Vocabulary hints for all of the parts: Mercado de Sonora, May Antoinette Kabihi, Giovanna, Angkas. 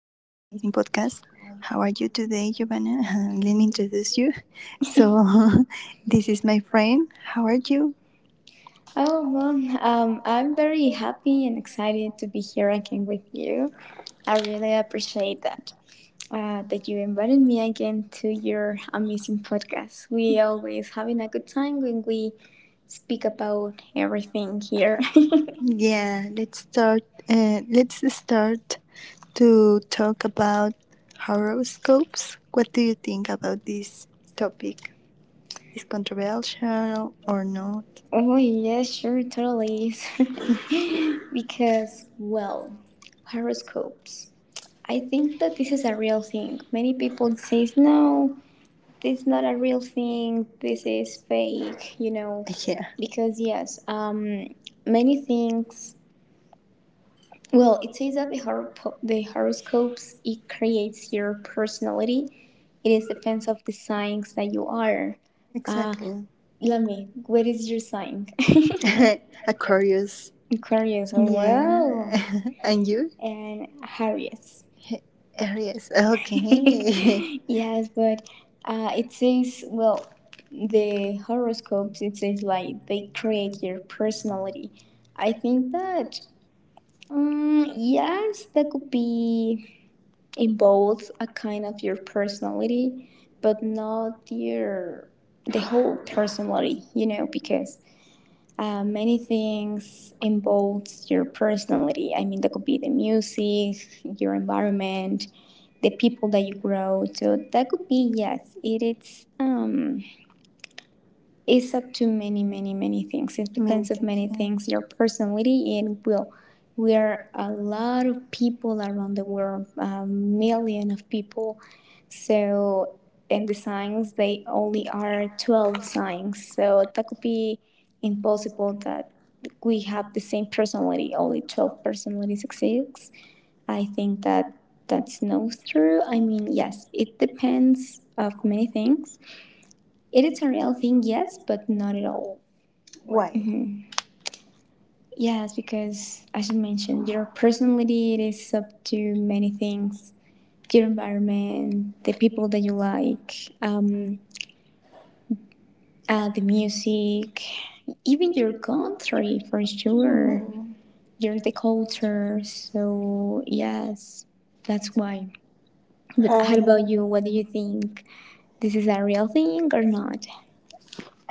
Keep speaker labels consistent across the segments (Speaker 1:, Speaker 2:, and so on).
Speaker 1: podcast. How are you today, Giovanna? Let me introduce you. So, this is my friend. How are you?
Speaker 2: Oh, well, I'm very happy and excited to be here again with you. I really appreciate that. That you invited me again to your amazing podcast. We always having a good time when we speak about everything here.
Speaker 1: Yeah, let's start to talk about horoscopes. What do you think about this topic? Is controversial or not?
Speaker 2: Oh yes, sure, totally is. Because well, horoscopes. I think that this is a real thing. Many people says no, this is not a real thing, this is fake,
Speaker 1: Yeah,
Speaker 2: because yes, many things, well, it says that the horoscopes it creates your personality. It is depends of the signs that you are. uh
Speaker 1: exactly.
Speaker 2: Let me, what is your sign?
Speaker 1: Aquarius.
Speaker 2: Aquarius, oh, well,
Speaker 1: Yeah, and you?
Speaker 2: and harriet.
Speaker 1: Aries. Okay.
Speaker 2: Yes, but it says, well, the horoscopes, it says like they create your personality. I think that, yes, that could be in both a kind of your personality, but not your the whole personality, because many things involves your personality. I mean, that could be the music, your environment, the people that you grow, so that could be yes. It is um it's up to many many things. It
Speaker 1: Means
Speaker 2: depends of many things, your personality and will. We are a lot of people around the world, a million of people, so, and the signs, they only are 12 signs, so that could be impossible that we have the same personality, only 12 personalities exist. I think that that's no through. I mean, yes, it depends of many things. It is a real thing, yes, but not at all.
Speaker 1: why?
Speaker 2: Mhm. Yes, because as you mentioned, your personality it is up to many things. Your environment, the people that you like, the music, even your country for sure.
Speaker 1: Hmm.
Speaker 2: Your the culture. So yes, that's why. But
Speaker 1: Um,
Speaker 2: how about you? What do you think? This is a real thing or not?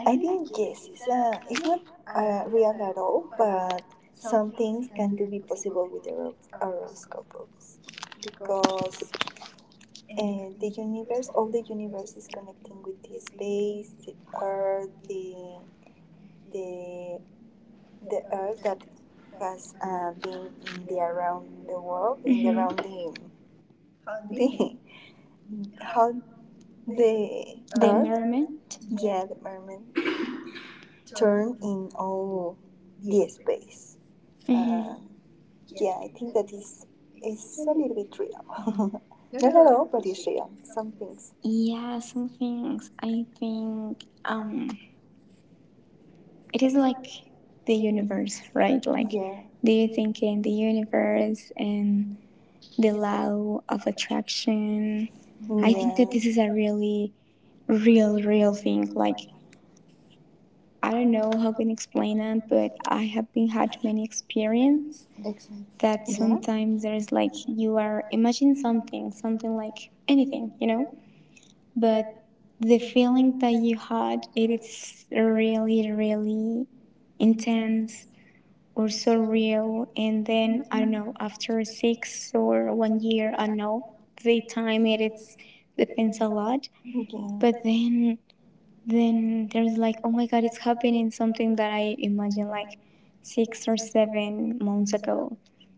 Speaker 1: I think yes, it's not real at all, but some things can do be possible with the horoscopes because the universe, all the universe is connecting with the space, the earth, the
Speaker 2: The
Speaker 1: the earth
Speaker 2: earthquake
Speaker 1: that
Speaker 2: that's
Speaker 1: has been
Speaker 2: in
Speaker 1: in
Speaker 2: India
Speaker 1: the
Speaker 2: around
Speaker 1: around
Speaker 2: the
Speaker 1: the
Speaker 2: world.
Speaker 1: world in the
Speaker 2: Mhm.
Speaker 1: around the how the how the
Speaker 2: The
Speaker 1: earth,
Speaker 2: environment.
Speaker 1: yeah, the mermaid turn in all the space,
Speaker 2: Mhm.
Speaker 1: uh, yeah, I think that is a little bit real, not at all, but it's real some things.
Speaker 2: Yeah, some things. I think it is like the
Speaker 1: The
Speaker 2: universe,
Speaker 1: universe, right?
Speaker 2: right? Like,
Speaker 1: yeah,
Speaker 2: do you think in the universe and the law of attraction?
Speaker 1: yeah, I think
Speaker 2: I think that
Speaker 1: that
Speaker 2: this
Speaker 1: this
Speaker 2: is
Speaker 1: is
Speaker 2: a
Speaker 1: a real,
Speaker 2: real, real thing. Like, I don't know how I can explain it, but I have been had many experience
Speaker 1: exactly
Speaker 2: that
Speaker 1: that, yeah. Sometimes,
Speaker 2: sometimes there's like
Speaker 1: like,
Speaker 2: you
Speaker 1: you
Speaker 2: are
Speaker 1: are
Speaker 2: imagine
Speaker 1: imagining something,
Speaker 2: something, something
Speaker 1: something like
Speaker 2: like anything,
Speaker 1: anything,
Speaker 2: you
Speaker 1: you
Speaker 2: know?
Speaker 1: know?
Speaker 2: But the feeling that you had it is really, really intense or so real, and then I don't know, after six or one year, I don't know, they time it it's depends a lot.
Speaker 1: Yeah.
Speaker 2: But then there's like, oh my god, it's happening, something that I imagined like 6 or 7 months ago.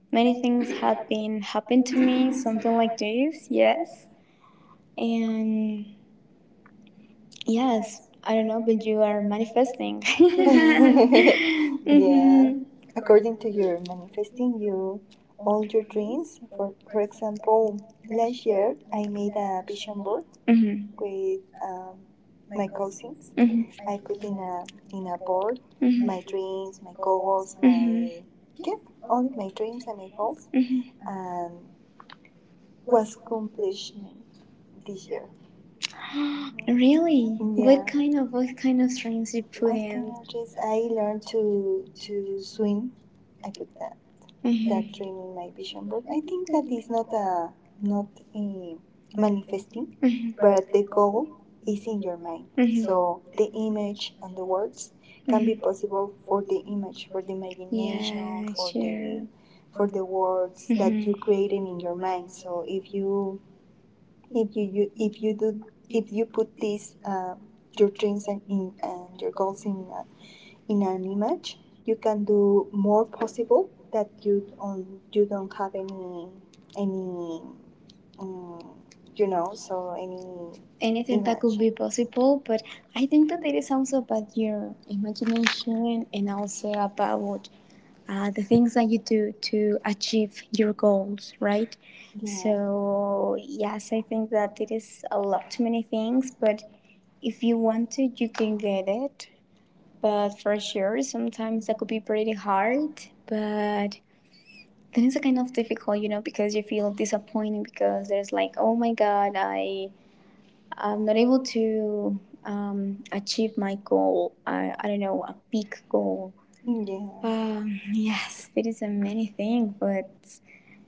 Speaker 2: Many things have been happened to me, something like this, yes. And yes, I don't know, but you are manifesting.
Speaker 1: Yeah.
Speaker 2: Mm-hmm.
Speaker 1: According to your manifesting you all your dreams. For example, last year I made a vision board
Speaker 2: Mm-hmm.
Speaker 1: with my cousins.
Speaker 2: Mm-hmm.
Speaker 1: I put in a board my dreams, my goals,
Speaker 2: Hmm,
Speaker 1: my, yeah, only my dreams and my goals,
Speaker 2: hmm.
Speaker 1: and was accomplishment this year.
Speaker 2: Really, what
Speaker 1: Yeah.
Speaker 2: kind of, what kind of streams you put
Speaker 1: What kind
Speaker 2: in?
Speaker 1: of just? I learned to swim. I put that, mm-hmm, that
Speaker 2: Mm-hmm.
Speaker 1: dream in my vision board. I think that is not a manifesting,
Speaker 2: A.
Speaker 1: but the goal is in your mind. Mm-hmm.
Speaker 2: Mhm.
Speaker 1: So the image and the words can be
Speaker 2: Mm-hmm.
Speaker 1: possible for the image, for the
Speaker 2: Yeah.
Speaker 1: imagination,
Speaker 2: Yeah,
Speaker 1: for the
Speaker 2: sure.
Speaker 1: for the words,
Speaker 2: Mm-hmm.
Speaker 1: mm-hmm, that you created
Speaker 2: Mhm.
Speaker 1: in your mind. So if you, you if you do if you put this your dreams and in and your goals in an image, you can do more possible that you don't have any um, so any
Speaker 2: Anything imagine, that
Speaker 1: image,
Speaker 2: could be possible, but I think that it is also about your imagination and also about the things that you do to achieve your goals, right?
Speaker 1: yeah,
Speaker 2: So, yes, I think that it is a lot too many things, but if you want it, you can get it. But for sure, sometimes that could be pretty hard. But then it's like, kind of difficult, you know, because you feel disappointed because there's like, oh my god, I'm not able to achieve my goal. I don't know, a big goal.
Speaker 1: yeah,
Speaker 2: Yes, there is a many thing, but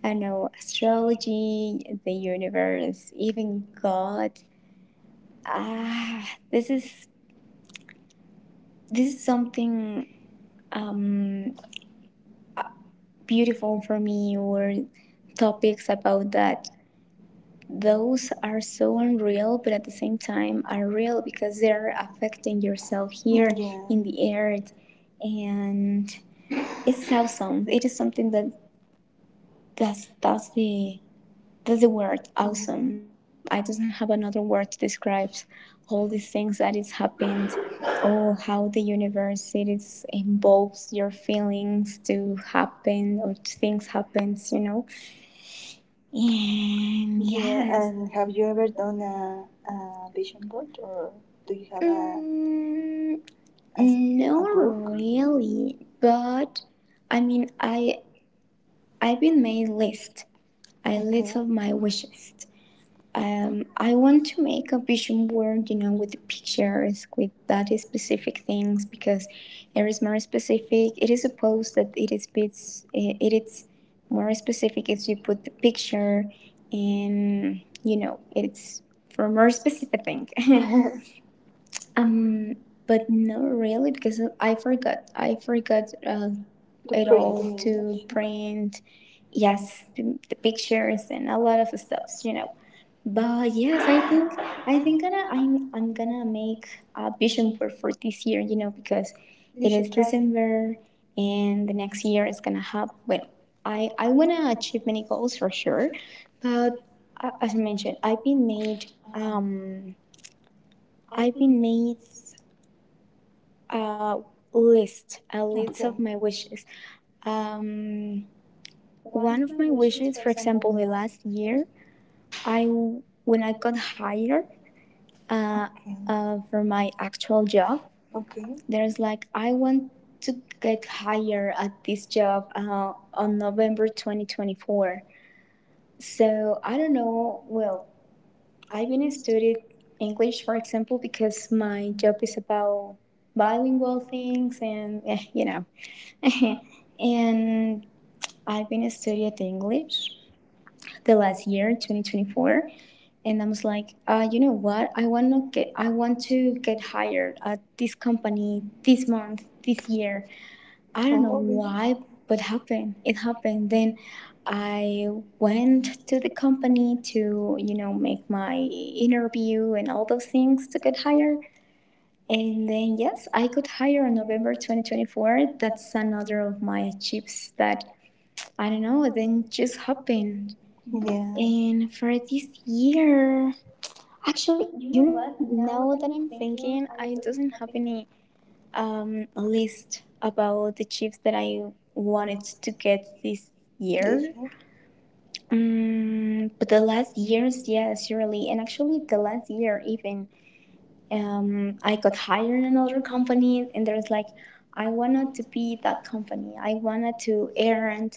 Speaker 2: I don't know, astrology, the universe, even God. Ah, this is something um, beautiful for me, or topics about that. Those are so unreal, but at the same time are real because they're affecting yourself here
Speaker 1: yeah.
Speaker 2: in the earth, and it's awesome. It is something that that's that's the that's the word, awesome.
Speaker 1: Mhm.
Speaker 2: I doesn't have another word to describe all these things that it's happened, or how the universe it is involves your feelings to happen or things happens, you know. And
Speaker 1: Yeah,
Speaker 2: yes,
Speaker 1: and have
Speaker 2: have you
Speaker 1: you
Speaker 2: ever
Speaker 1: ever
Speaker 2: done
Speaker 1: done a vision board or do you
Speaker 2: a...
Speaker 1: have
Speaker 2: Mm,
Speaker 1: a, s-
Speaker 2: no,
Speaker 1: a book
Speaker 2: really. But I mean, I've been made list. I list of my wishes. I want to make a vision board, you know, with the pictures, with that specific things, because it is more specific. It is supposed that it is bits, it is more specific if you put the picture, and you know, it's for more specific thing. um, but not really because I forgot. I forgot
Speaker 1: to
Speaker 2: it
Speaker 1: print?
Speaker 2: all to print. Yes, the pictures and a lot of stuffs, you know. But yes, I think gonna I'm gonna make a vision board for this year. You know, because
Speaker 1: You
Speaker 2: it
Speaker 1: should
Speaker 2: is
Speaker 1: try.
Speaker 2: December and the next year is gonna have, well, I wanna achieve many goals for sure, but as I mentioned, I've been made a a list of my wishes. Um, one of my wishes, for example, the last year I when I got hired, uh,
Speaker 1: Okay.
Speaker 2: for my actual job.
Speaker 1: Okay.
Speaker 2: There's like, I want to get hired at this job on November 2024. So I don't know. Well, I've been studying English, for example, because my job is about bilingual things, and eh, you know, and I've been studying English the last year, 2024, and I was like, you know what? I want to get hired at this company this month, this year. I don't know
Speaker 1: Oh,
Speaker 2: why, but happened. It happened. Then I went to the company to, you know, make my interview and all those things to get hired. And then yes, I got hired in November 2024. That's another of my achievements that I don't know, then just happened.
Speaker 1: yeah.
Speaker 2: And for this year, actually, you know what? Now that I'm thinking, I doesn't have any list about the chips that I wanted to get this
Speaker 1: Did
Speaker 2: year.
Speaker 1: here.
Speaker 2: Mm, but the last years, yes, surely. And actually, the last year, even, I got hired in another company, and there's like, I wanted to be that company. I wanted to earn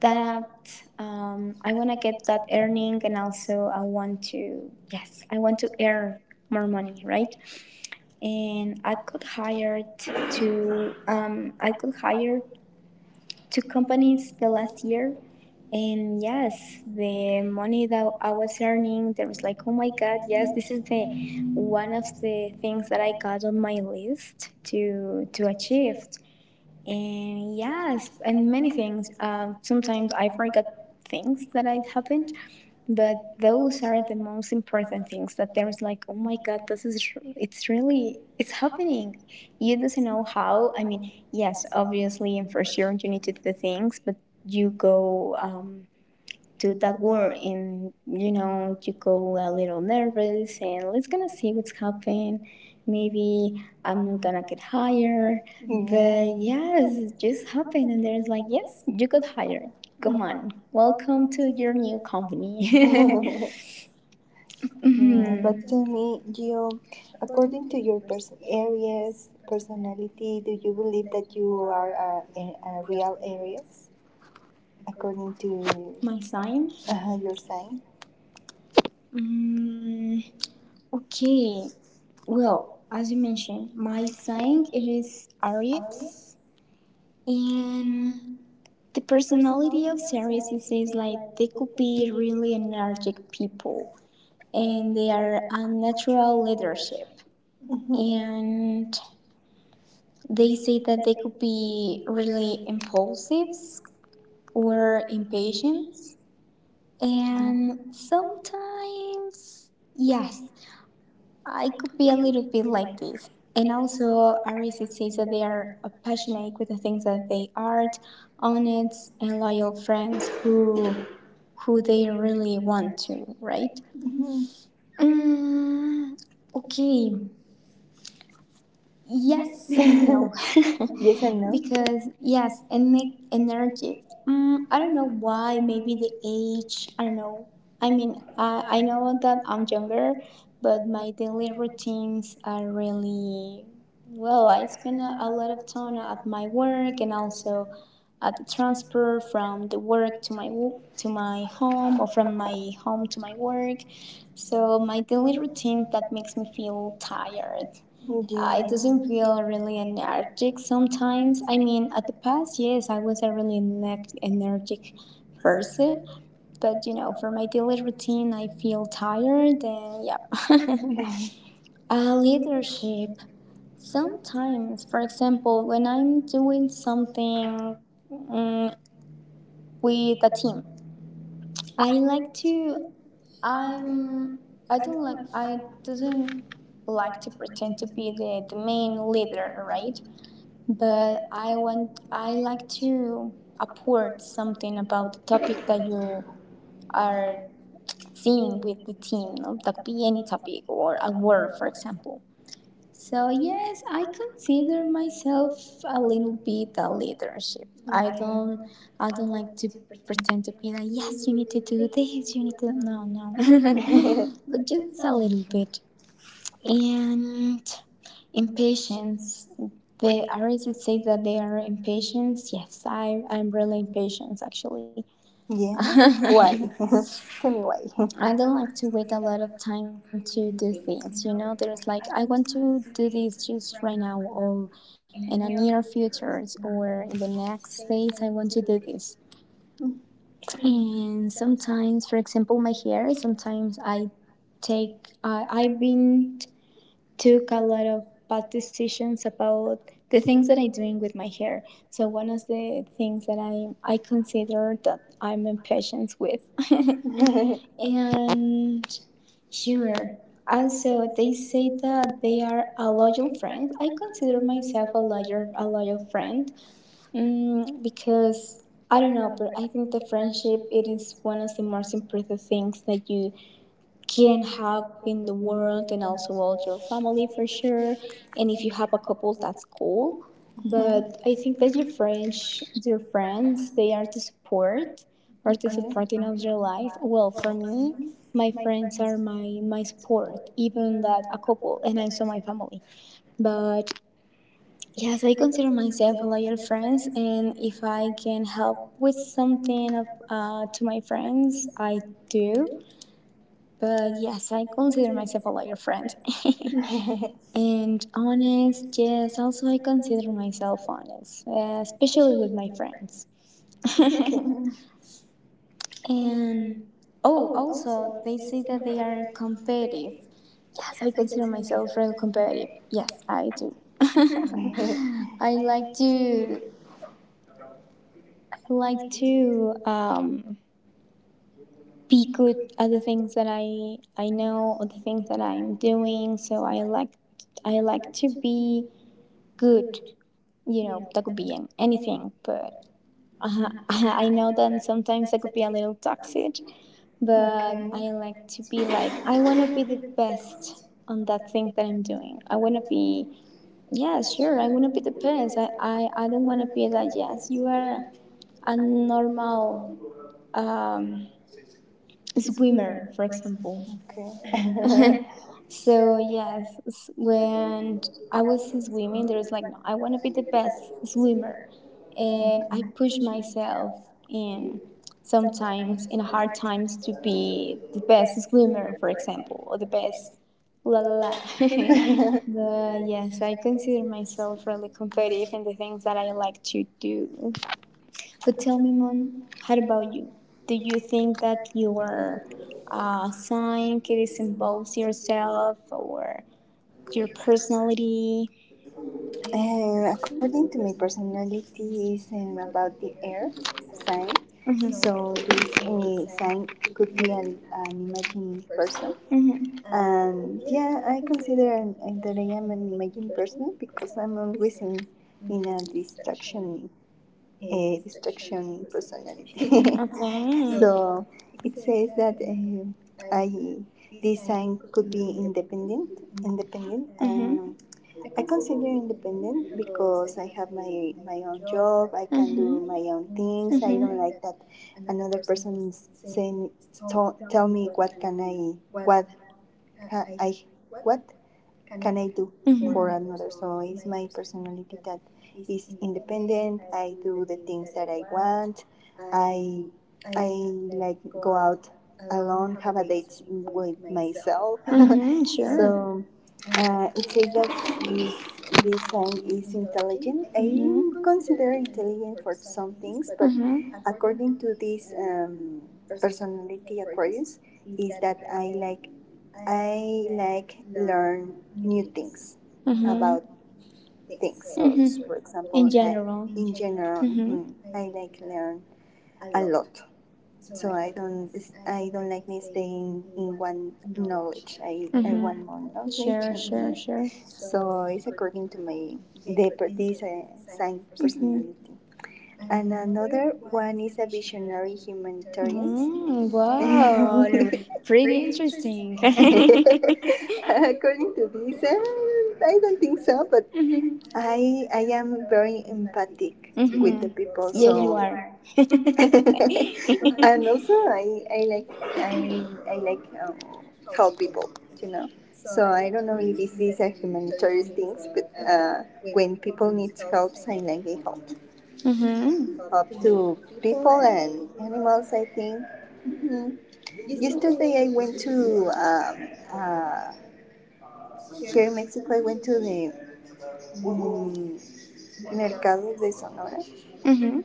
Speaker 2: that. I want to get that earning, and also I want to, yes, I want to earn more money, right? And I could hire two companies the last year, and yes, the money that I was earning there was like, oh my god, yes, this is the one of the things that I got on my list to achieve. And yes, and many things, sometimes I forgot things that had happened, but those are the most important things that there's like, oh my god, this is, it's really, it's happening. You doesn't know how. I mean, yes, obviously in first year you need to do things, but you go, do that work, and you know, you go a little nervous and let's gonna see what's happening. Maybe I'm not gonna get hired, but yes,
Speaker 1: Yeah.
Speaker 2: it just happened, and there's like, yes, you got hired, come
Speaker 1: Uh,
Speaker 2: on,
Speaker 1: I
Speaker 2: welcome to your new company.
Speaker 1: yeah. But
Speaker 2: Mhm.
Speaker 1: tell me, Gio, according to your personality, do you believe that you are a real areas, according to
Speaker 2: My sign.
Speaker 1: your sign?
Speaker 2: Mm, okay. Well, as you mentioned, my sign it is Aries, and the personality of Ceres is like they could be really energetic people and they are unnatural leadership,
Speaker 1: Mm-hmm.
Speaker 2: and they say that they could be really impulsive or impatient, and sometimes yes, I could be a little bit like this. And also Aries says that they are passionate with the things that they are honest and loyal friends who they really want to, right?
Speaker 1: Mm-hmm.
Speaker 2: Mm, okay. Yes and no.
Speaker 1: Yes and no.
Speaker 2: Because, yes, energetic. Mm, I don't know why. Maybe the age. I don't know. I mean, I know that I'm younger, but my daily routines are really. Well, I spend a lot of time at my work, and also at the transfer from the work to my home, or from my home to my work. So my daily routine that makes me feel tired. Mm-hmm. It doesn't feel really energetic sometimes. I mean, at the past, yes, I was a really energetic person, but you know, for my daily routine, I feel tired, and yeah. Leadership. Sometimes, for example, when I'm doing something, mm, with the team. I like to I'm I don't like, I doesn't like to pretend to be the main leader, right? But I like to apport something about the topic that you are seeing with the team. No? That could be any topic or a word, for example. So yes, I consider myself a little bit a leadership.
Speaker 1: for
Speaker 2: I don't like to pretend to be like, yes, you need to do this, you need to, no, no. But just a little bit. And impatience. The Aries would say that they are impatient. Yes, I'm really impatient, actually. Yeah.
Speaker 1: Yeah.
Speaker 2: Right. That's
Speaker 1: Tell
Speaker 2: really
Speaker 1: me
Speaker 2: well.
Speaker 1: why.
Speaker 2: I don't like to wait a lot of time to do things. You know, there's like I want to do this just right now or in a near future or in the next days I want to do this. And sometimes, for example, my hair. Sometimes I take. I've been took a lot of bad decisions about the things that I'm doing with my hair. So one of the things that I consider that I'm impatient with,
Speaker 1: But
Speaker 2: and sure. Also, they say that they are a loyal friend. I consider myself a loyal friend because I don't know, but I think the friendship it is one of the most important things that you can have in the world, and also all your family for sure. And if you have a couple, that's cool. But I think that your friends, they are the support or the
Speaker 1: okay.
Speaker 2: supporting of your life. Well, for me, my friends are my support, even that a couple, and also my family. But yes, I consider myself a loyal friends, and if I can help with something of, to my friends, I do, but yes, I consider myself a liar friend. And honest, yes, also I consider myself honest, especially with my friends. And oh, also, they say that they are competitive. Yes, I consider myself real competitive. Yes, I do. I like to I like to be good at the things that I know, or the things that I'm doing. So I like to be good, you know, that could be in anything, but I know that sometimes I could be a little toxic, but I like to be like, I want to be the best on that thing that I'm doing. I want to be, yeah, sure, I want to be the best. I don't want to be that, yes, you are a normal um, swimmer, for example.
Speaker 1: Okay.
Speaker 2: So yes, when I was swimming, there was like, no, I want to be the best swimmer, and I push myself in sometimes in hard times to be the best swimmer, for example, or the best la la la. But yes, I consider myself really competitive in the things that I like to do. But tell me, Mon, how about you? Do you think that your sign it symbols yourself or your personality?
Speaker 1: And according to my personality is about the air sign. So this sign could be an imagined person.
Speaker 2: Mhm.
Speaker 1: And yeah, I consider that I am an imagined person because I'm always in a distraction personality.
Speaker 2: Okay.
Speaker 1: So it says that I this sign could be independent,
Speaker 2: Mm-hmm.
Speaker 1: I consider independent because I have my own job. I can do
Speaker 2: hmm
Speaker 1: my own things. I
Speaker 2: Mm-hmm.
Speaker 1: don't like that another person is saying, tell me what can I, what ha, I what can I do,
Speaker 2: Mm-hmm.
Speaker 1: mm-hmm, for another? So it's my personality that is independent. I do the things that I want. I I like go out alone, have a date with myself.
Speaker 2: Mm-hmm.
Speaker 1: So it says that this this sign is intelligent. I consider intelligent for some things, but
Speaker 2: Mm-hmm, not
Speaker 1: according to this personality Aquarius, is that I like learn new things, mhm, about things. So,
Speaker 2: not
Speaker 1: mhm, for example,
Speaker 2: general.
Speaker 1: in general,
Speaker 2: Mm-hmm.
Speaker 1: mhm, I like learn a lot. So I don't like me staying in one knowledge. I mm-hmm, want, mhm, more knowledge.
Speaker 2: Sure,
Speaker 1: Sure. And
Speaker 2: sure,
Speaker 1: sure.
Speaker 2: sure.
Speaker 1: So it's according to my the this sign, mhm, personality. And another one is a visionary humanitarians. Mm, wow.
Speaker 2: r- Pretty interesting.
Speaker 1: According to this, I don't think so, but
Speaker 2: Mhm,
Speaker 1: I am very empathic with the
Speaker 2: are.
Speaker 1: people,
Speaker 2: and also,
Speaker 1: so.
Speaker 2: I,
Speaker 1: So you are.
Speaker 2: I
Speaker 1: And also I like help people, you know. So I don't know if this is a humanitarian thing, but when people need help, I like they help
Speaker 2: mhm,
Speaker 1: up to people and animals, I think. Hmm. Yesterday I went to, here in Mexico, I went to the um, Mercado de Sonora,
Speaker 2: think. Mhm.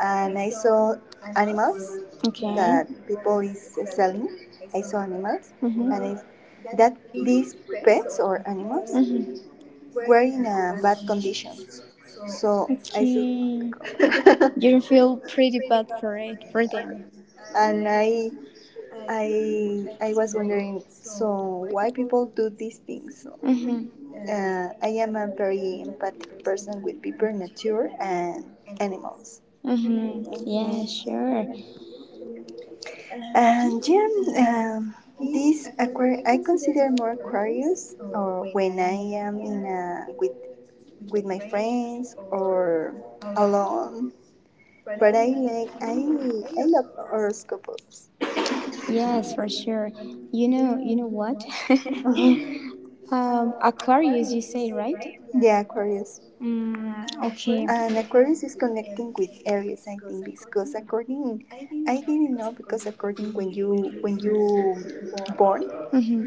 Speaker 1: and I saw animals
Speaker 2: Okay.
Speaker 1: that people is selling. I saw animals,
Speaker 2: Mm-hmm.
Speaker 1: and that these pets or animals were in a bad conditions. So I said,
Speaker 2: Mm-hmm. Okay. You feel pretty bad for it, for them.
Speaker 1: and I was wondering, so why people do these things?
Speaker 2: Mm-hmm.
Speaker 1: I am a very empathic person with people, nature, and animals.
Speaker 2: Mm-hmm. Yeah,
Speaker 1: Mhm.
Speaker 2: sure.
Speaker 1: And yeah, um, this I consider more Aquarius, or when I am in a with my friends or alone. But I like I love horoscopes.
Speaker 2: Yes, for sure. You know
Speaker 1: You know
Speaker 2: what?
Speaker 1: what? Mhm.
Speaker 2: Aquarius, you say, right?
Speaker 1: Yeah, Aquarius.
Speaker 2: Mm, okay.
Speaker 1: And
Speaker 2: Aquarius
Speaker 1: Aquarius is connecting with Aries, I think, because
Speaker 2: to
Speaker 1: according, I didn't know, because according, when you born,
Speaker 2: Mm-hmm.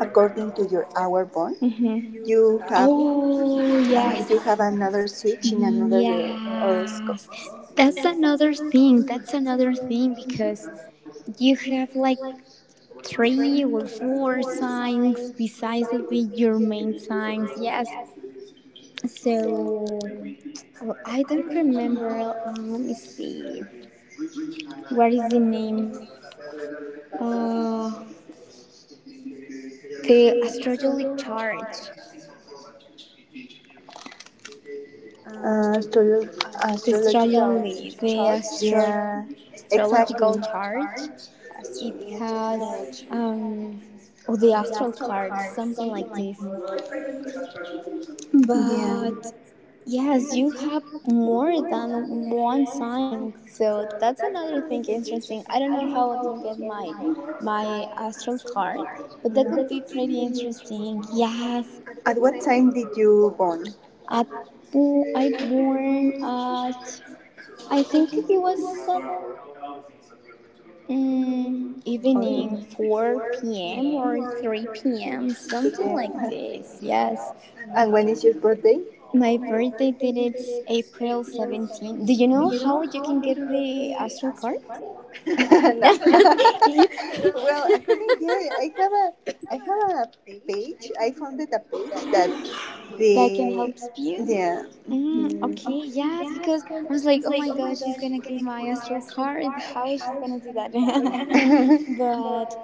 Speaker 1: according to your hour born,
Speaker 2: hmm
Speaker 1: you have
Speaker 2: Oh,
Speaker 1: you have another
Speaker 2: yes.
Speaker 1: switch in another or
Speaker 2: Yes. That's another thing. That's another thing because you have like three or four signs besides your main signs. Yes. So well, I don't remember. Let me see. What is the name? Uh, the astrological chart.
Speaker 1: uh,
Speaker 2: The
Speaker 1: astro- astrological
Speaker 2: astrology,
Speaker 1: chart. Yeah, exactly.
Speaker 2: astrological chart, it has
Speaker 1: Astrological chart.
Speaker 2: or the astral card, something like this.
Speaker 1: Yeah.
Speaker 2: But yes, you have more than one sign, so that's another thing interesting. I don't know how I can get my astral card, but that could be pretty
Speaker 1: Yeah.
Speaker 2: interesting. Yes,
Speaker 1: At what time did you born?
Speaker 2: at I born at I think it was at Mm, evening 4 p.m. or 3 p.m., something like this. Yes.
Speaker 1: And when is your birthday?
Speaker 2: My birthday date is April 17th. Do you know how you can get the astral card? No.
Speaker 1: No. Well, I couldn't get it. I have a page. I
Speaker 2: You-
Speaker 1: founded a page that
Speaker 2: that can
Speaker 1: the
Speaker 2: help you.
Speaker 1: yeah.
Speaker 2: Mm,
Speaker 1: Mhm.
Speaker 2: okay, yes, because I was like, oh my gosh,
Speaker 1: I
Speaker 2: she's gonna get my astral card. How is she gonna do that? But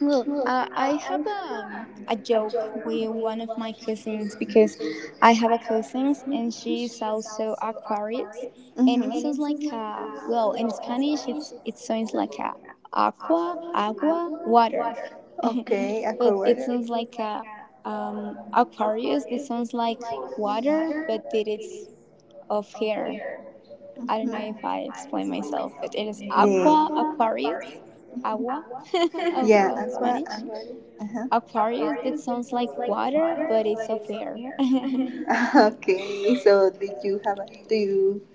Speaker 2: well, I have a joke with one of my cousins because I have a cousin and she's also Aquarius, and
Speaker 1: Mhm.
Speaker 2: it sounds like a well in Spanish it's it sounds like a aqua agua water, but it sounds like a Aquarius. This sounds like water, but it is of hair. I
Speaker 1: Mm-hmm.
Speaker 2: don't know if I
Speaker 1: Mhm.
Speaker 2: explain myself, but it is aqua
Speaker 1: Yeah.
Speaker 2: Aquarius, agua of in
Speaker 1: Mm-hmm.
Speaker 2: Spanish.
Speaker 1: Aqua. Uh-huh.
Speaker 2: Aquarius, that sounds like water, but it's of air. it
Speaker 1: Okay, so did you have a, do you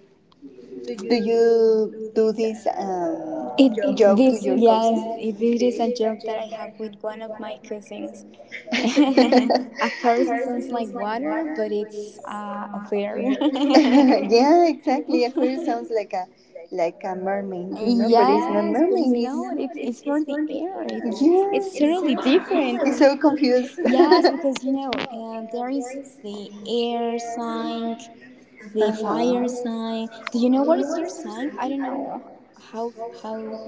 Speaker 1: do you do this
Speaker 2: Joke. This yes, it is a joke that I have with one of my cousins. Aquarius sounds like water, but it's of air.
Speaker 1: exactly. Aquarius sounds like a mermaid, you,
Speaker 2: Yes, but it's not. It's for the air. It's totally different.
Speaker 1: so confused.
Speaker 2: Yes, because you know there is the air sign,
Speaker 1: the
Speaker 2: the fire
Speaker 1: is
Speaker 2: sign. Do you know what is your sign? I don't know how how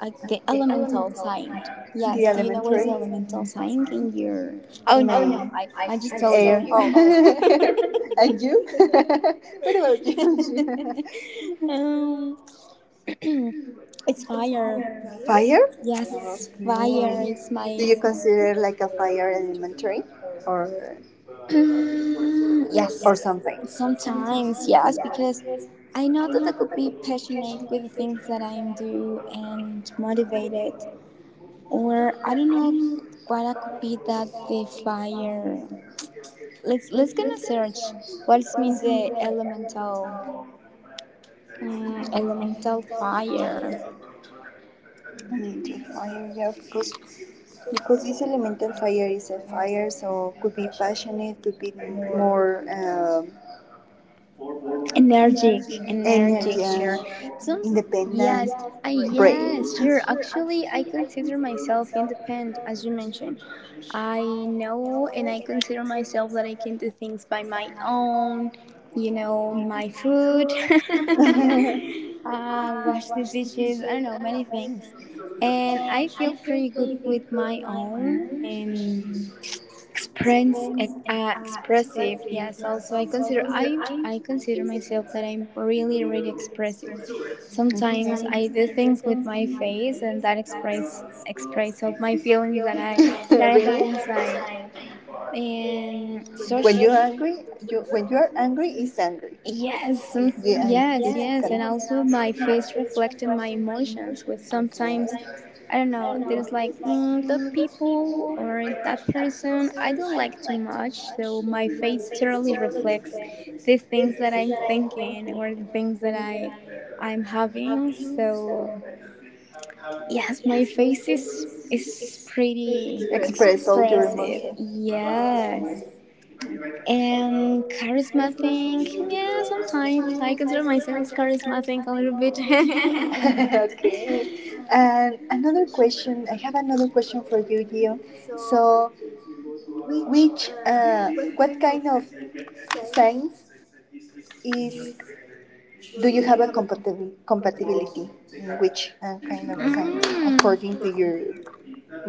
Speaker 2: I, the elemental sign.
Speaker 1: The
Speaker 2: Yes. Do you know what is the
Speaker 1: elementary
Speaker 2: elemental sign in your? Oh
Speaker 1: in my Oh
Speaker 2: no,
Speaker 1: no,
Speaker 2: I
Speaker 1: I'm
Speaker 2: I just
Speaker 1: still
Speaker 2: told you.
Speaker 1: air,
Speaker 2: Oh.
Speaker 1: still here. And you? What about you?
Speaker 2: um, it's fire.
Speaker 1: Fire?
Speaker 2: Yes, fire
Speaker 1: Okay.
Speaker 2: is
Speaker 1: Do
Speaker 2: my
Speaker 1: you consider like a fire elementary or
Speaker 2: Mm, yes,
Speaker 1: something?
Speaker 2: sometimes yes, because I know that I could be passionate with the things that I do and motivated, or I don't know what I could be that the fire. Let's gonna search. What's mean the elemental, mm, elemental fire?
Speaker 1: Elemental fire, yeah, because this elemental fire is a fire, so could be passionate, could be more.
Speaker 2: Energetic, energetic,
Speaker 1: Energy,
Speaker 2: sure. Some,
Speaker 1: independent,
Speaker 2: yes, I
Speaker 1: brave.
Speaker 2: yes, sure.
Speaker 1: Okay.
Speaker 2: Actually, I consider myself independent, as you mentioned. I know, and I consider myself that I can do things by my own. You know, my food, wash the dishes. I don't know many things, and I feel pretty good with my own and express, expressive. Yes. Also, I consider myself that I'm really really expressive. Sometimes I do things with my face, and that express express of my feelings
Speaker 1: Really?
Speaker 2: that I have
Speaker 1: That I had
Speaker 2: inside.
Speaker 1: inside.
Speaker 2: And
Speaker 1: And
Speaker 2: social
Speaker 1: you're angry, you when you're angry, it's angry.
Speaker 2: yes, some,
Speaker 1: Yeah. End is
Speaker 2: yes, and also
Speaker 1: correct.
Speaker 2: my face
Speaker 1: Reflecting.
Speaker 2: reflected my emotions. With sometimes,
Speaker 1: Okay.
Speaker 2: I don't know, there's like mm, the people or that person I don't like too much. So my face totally reflects the things that I'm thinking or the things that I'm having. So yes, my face is pretty
Speaker 1: Express all your
Speaker 2: expressive.
Speaker 1: emotions.
Speaker 2: Yes. And charisma thing, yeah, sometimes I consider myself charisma thing a little bit.
Speaker 1: Okay. And another question. I have another question for you, Gio. So, which, uh, what kind of science is do you have a compatibility in which kind of
Speaker 2: Mm,
Speaker 1: signs according to your,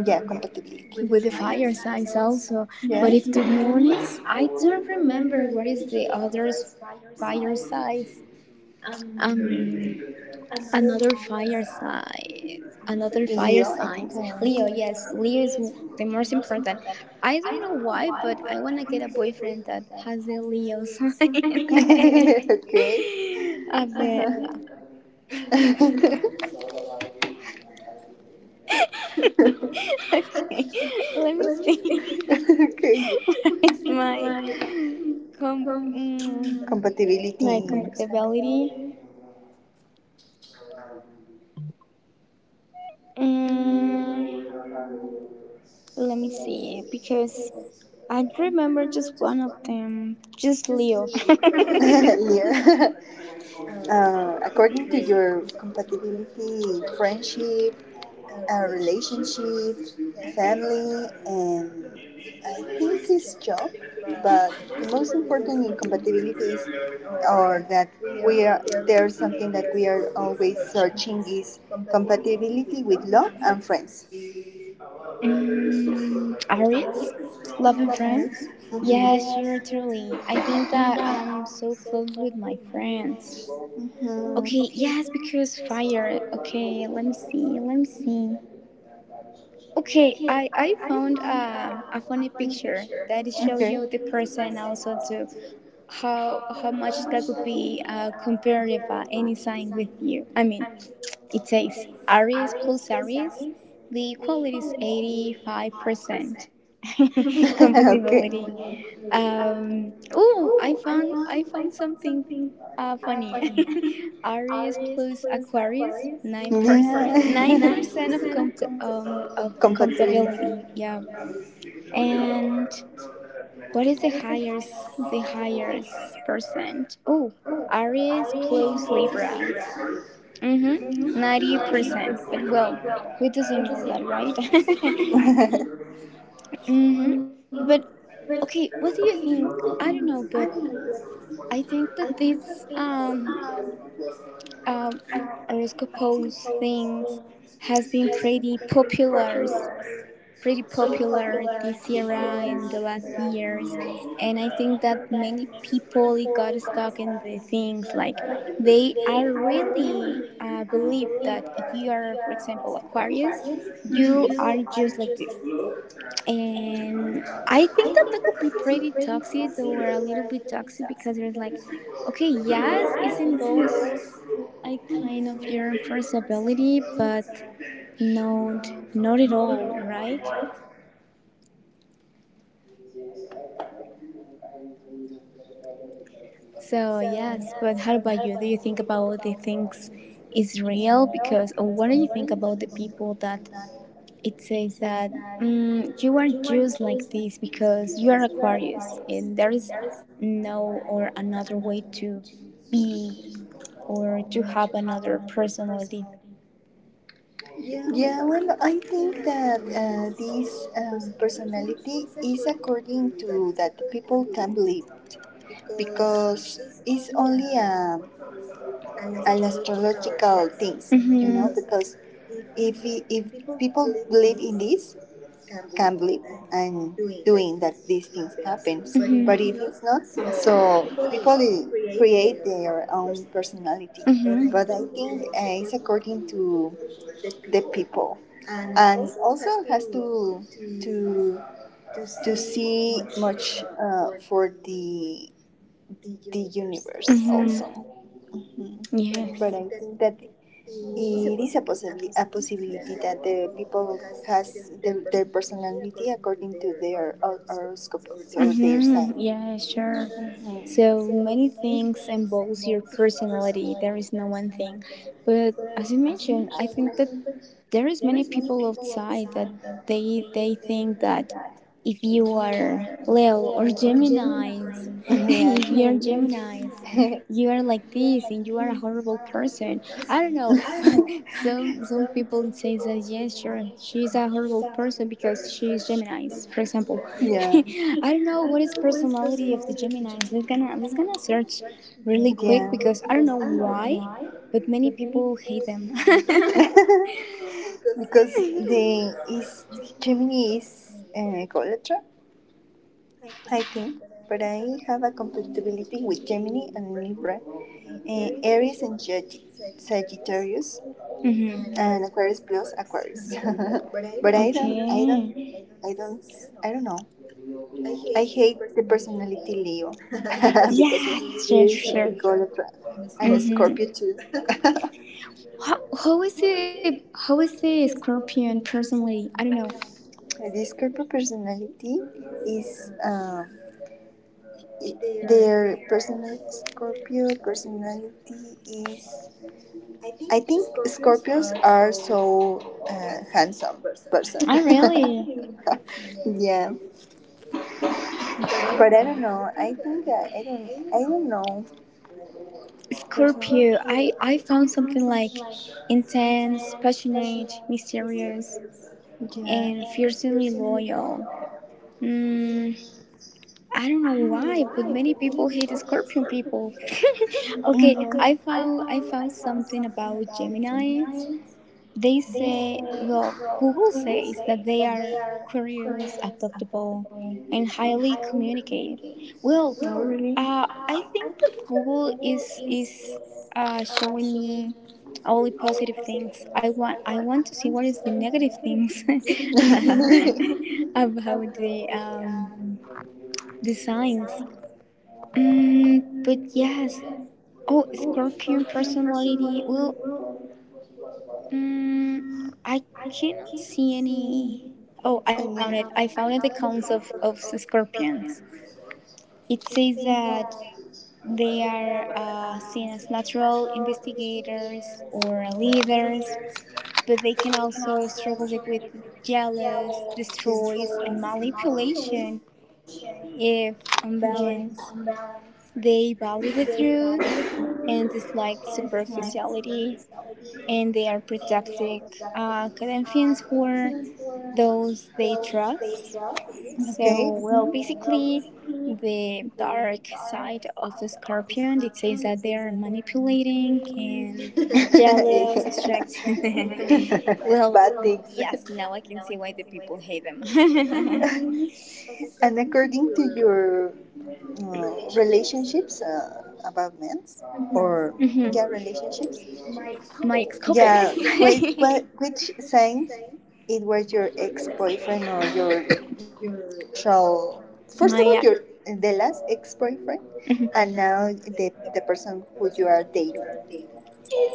Speaker 1: yeah,
Speaker 2: with
Speaker 1: compatibility?
Speaker 2: the fire signs also, but if to be honest, I don't remember what is the other's fire size. Um, Another fire sign. Another fire signs. Leo, yes, Leo is the most important. I don't know why, but I wanna get a boyfriend that has the Leo sign.
Speaker 1: Okay.
Speaker 2: A bit. Okay, let me see.
Speaker 1: Okay.
Speaker 2: Where is my com- mm,
Speaker 1: Compatibility.
Speaker 2: my compatibility? Mm, let me see, because I remember just one of them, just Leo.
Speaker 1: Yeah. According to your compatibility, friendship, relationship, a family, and I think it's job. But the most important in compatibility is, or that we are there's something that we are always searching is compatibility with love and friends.
Speaker 2: Mm, Aries, Love and
Speaker 1: Earth.
Speaker 2: Friends. Yeah, sure,
Speaker 1: Mhm.
Speaker 2: totally. I think that I'm so close with my friends.
Speaker 1: Mhm.
Speaker 2: Okay, yes, because fire. Okay, let me see. Okay, I found a funny picture that show you the person also too. How much that would be comparative any sign with you. I mean, it says Aries plus Aries, the quality is 85% compatibility. Oh, I found something funny. Aries plus Aquarius 9% nine
Speaker 1: Yeah.
Speaker 2: percent of of compatibility. Yeah, and what is the highest percent? Oh, Aries plus Libra. Mm-hmm. 90%. But well, we doesn't know that, right?
Speaker 1: Yeah.
Speaker 2: Mm-hmm. But okay, what do you think? I don't know, but I think that this um horoscopes things has been pretty popular this era and the last years, and I think that many people got stuck in the things like they are really, believe that if you are, for example, Aquarius, you are just like this, and I think that that could be pretty toxic or a little bit toxic because there's like okay, yes, it involves a kind of your personality, but not not at all, right? So yes, but how about you? Do you think about the things is real? Because or what do you think about the people that it says that mm, you are just like this because you are Aquarius and there is no or another way to be or to have another personality.
Speaker 1: Yeah, well, I think that this personality is according to that people can believe it, because it's only an astrological things.
Speaker 2: Mhm.
Speaker 1: Mhm. Because if people believe in this, can believe and doing that these things happens. But if, mhm, it's not, so people create their own personality. But, mhm, I
Speaker 2: Mm-hmm.
Speaker 1: think it's according to the people and also has to to to see much for the universe
Speaker 2: Mhm.
Speaker 1: also, mhm,
Speaker 2: And I
Speaker 1: but I think that it is a possibility that the people has their personality according to their horoscope
Speaker 2: sign.
Speaker 1: or their, mhm.
Speaker 2: Mm-hmm. Yeah, sure. So many things involves your personality. There is no one thing, but as you mentioned, I think that there is many people outside that they think that if you are Leo or Gemini's,
Speaker 1: Yeah.
Speaker 2: if you are Gemini's, you are like this and you are a horrible person. I don't know, but some people say that yes, sure, she's a horrible person because she's Gemini's, for example.
Speaker 1: Yeah.
Speaker 2: I don't know what is personality of the Gemini's. Let's gonna search really
Speaker 1: Really.
Speaker 2: quick
Speaker 1: Yeah.
Speaker 2: because I don't know why, but many people hate them.
Speaker 1: Because the is Gemini is Golatra, I think. But I have a compatibility with Gemini and Libra, Aries and Sagittarius,
Speaker 2: Mm-hmm.
Speaker 1: and Aquarius plus Aquarius. But
Speaker 2: Okay.
Speaker 1: I don't know. I hate the personality Leo because
Speaker 2: Yeah,
Speaker 1: it
Speaker 2: sure,
Speaker 1: is
Speaker 2: sure.
Speaker 1: egolatra, and
Speaker 2: Mm-hmm.
Speaker 1: Scorpio too.
Speaker 2: How is the scorpion personally? I don't know.
Speaker 1: The Scorpio personality is i- their personal Scorpio personality is. I think Scorpios are so handsome person.
Speaker 2: I really
Speaker 1: Yeah, but I don't know. I think I don't. I don't know. Person.
Speaker 2: Scorpio. I found something like intense, passionate, mysterious, and
Speaker 1: Yeah.
Speaker 2: fiercely loyal. Mm, I don't know why, but many people hate Scorpion people. Okay, I
Speaker 1: Mhm.
Speaker 2: found I found something about Geminis. They say, well, Google says that they are curious, adaptable, and highly communicative. Well,
Speaker 1: Really?
Speaker 2: I think that Google is showing me only positive things. I want to see what is the negative things about the the signs. But yes. Oh, Scorpion personality. Well, mm, I cannot see any. Oh, I found it. I found it the counts of scorpions. It says that they are seen as natural investigators or leaders, but they can also struggle, like, with jealous,
Speaker 1: Jealous.
Speaker 2: destroys, and manipulation if
Speaker 1: Yeah.
Speaker 2: unbalanced. They value the truth, and dislike superficiality, and they are protective Corinthians for those they trust.
Speaker 1: Okay.
Speaker 2: So, well, basically, the dark side of the scorpion, it says that they are manipulating and jealous, distracted. Well,
Speaker 1: Bad things.
Speaker 2: yes, now I can see why the people hate them.
Speaker 1: And according to your relationships about men's
Speaker 2: Mhm.
Speaker 1: or yeah relationships,
Speaker 2: My ex couples.
Speaker 1: yeah, wait, what which signs it was your ex boyfriend or your actual, first
Speaker 2: My
Speaker 1: of all your the last
Speaker 2: friend.
Speaker 1: ex boyfriend,
Speaker 2: Mm-hmm.
Speaker 1: and now the person who you are dating.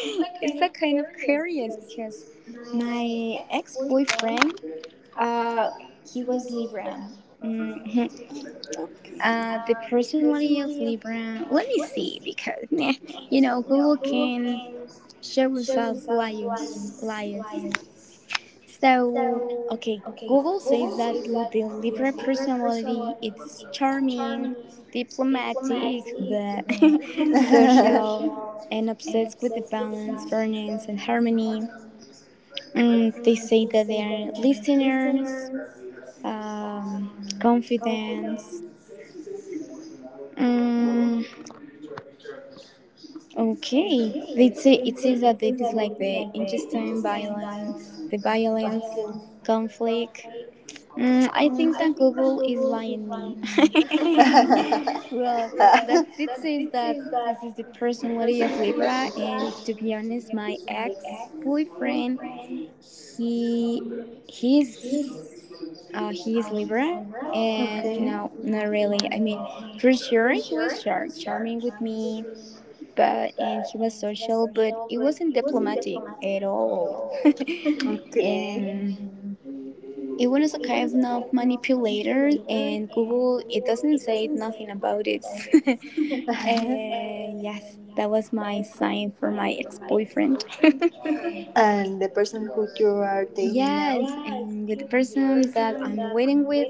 Speaker 2: It's a kind of curious because my ex-boyfriend uh he was libra. Mhm.
Speaker 1: Okay.
Speaker 2: The personality of libra, let me see, because meh, you know, google can show us liars, So, okay, Google says that the Libra personality is charming, diplomatic, but
Speaker 1: Okay.
Speaker 2: social, and obsessed with the balance, fairness, and harmony. They say that they are listeners, um, confidence. Mm, okay, they say, it says that they dislike the intestine violence, the violence, conflict. I think that
Speaker 1: Okay.
Speaker 2: Google is lying me. Well, that it says that this is the personality of Libra, and if to be honest, my ex boyfriend, he he's he is Libra, and no, not really. I mean, for sure he was charming with me, but and he was social, but it wasn't diplomatic at all. And
Speaker 1: Okay.
Speaker 2: it was a kind of manipulator, and Google it doesn't say nothing about it. uh, yes, that was my sign for my ex-boyfriend. And the person
Speaker 1: And the
Speaker 2: that you
Speaker 1: person who
Speaker 2: are
Speaker 1: you are
Speaker 2: dating?
Speaker 1: dating.
Speaker 2: Yes, and with the person that I'm waiting with,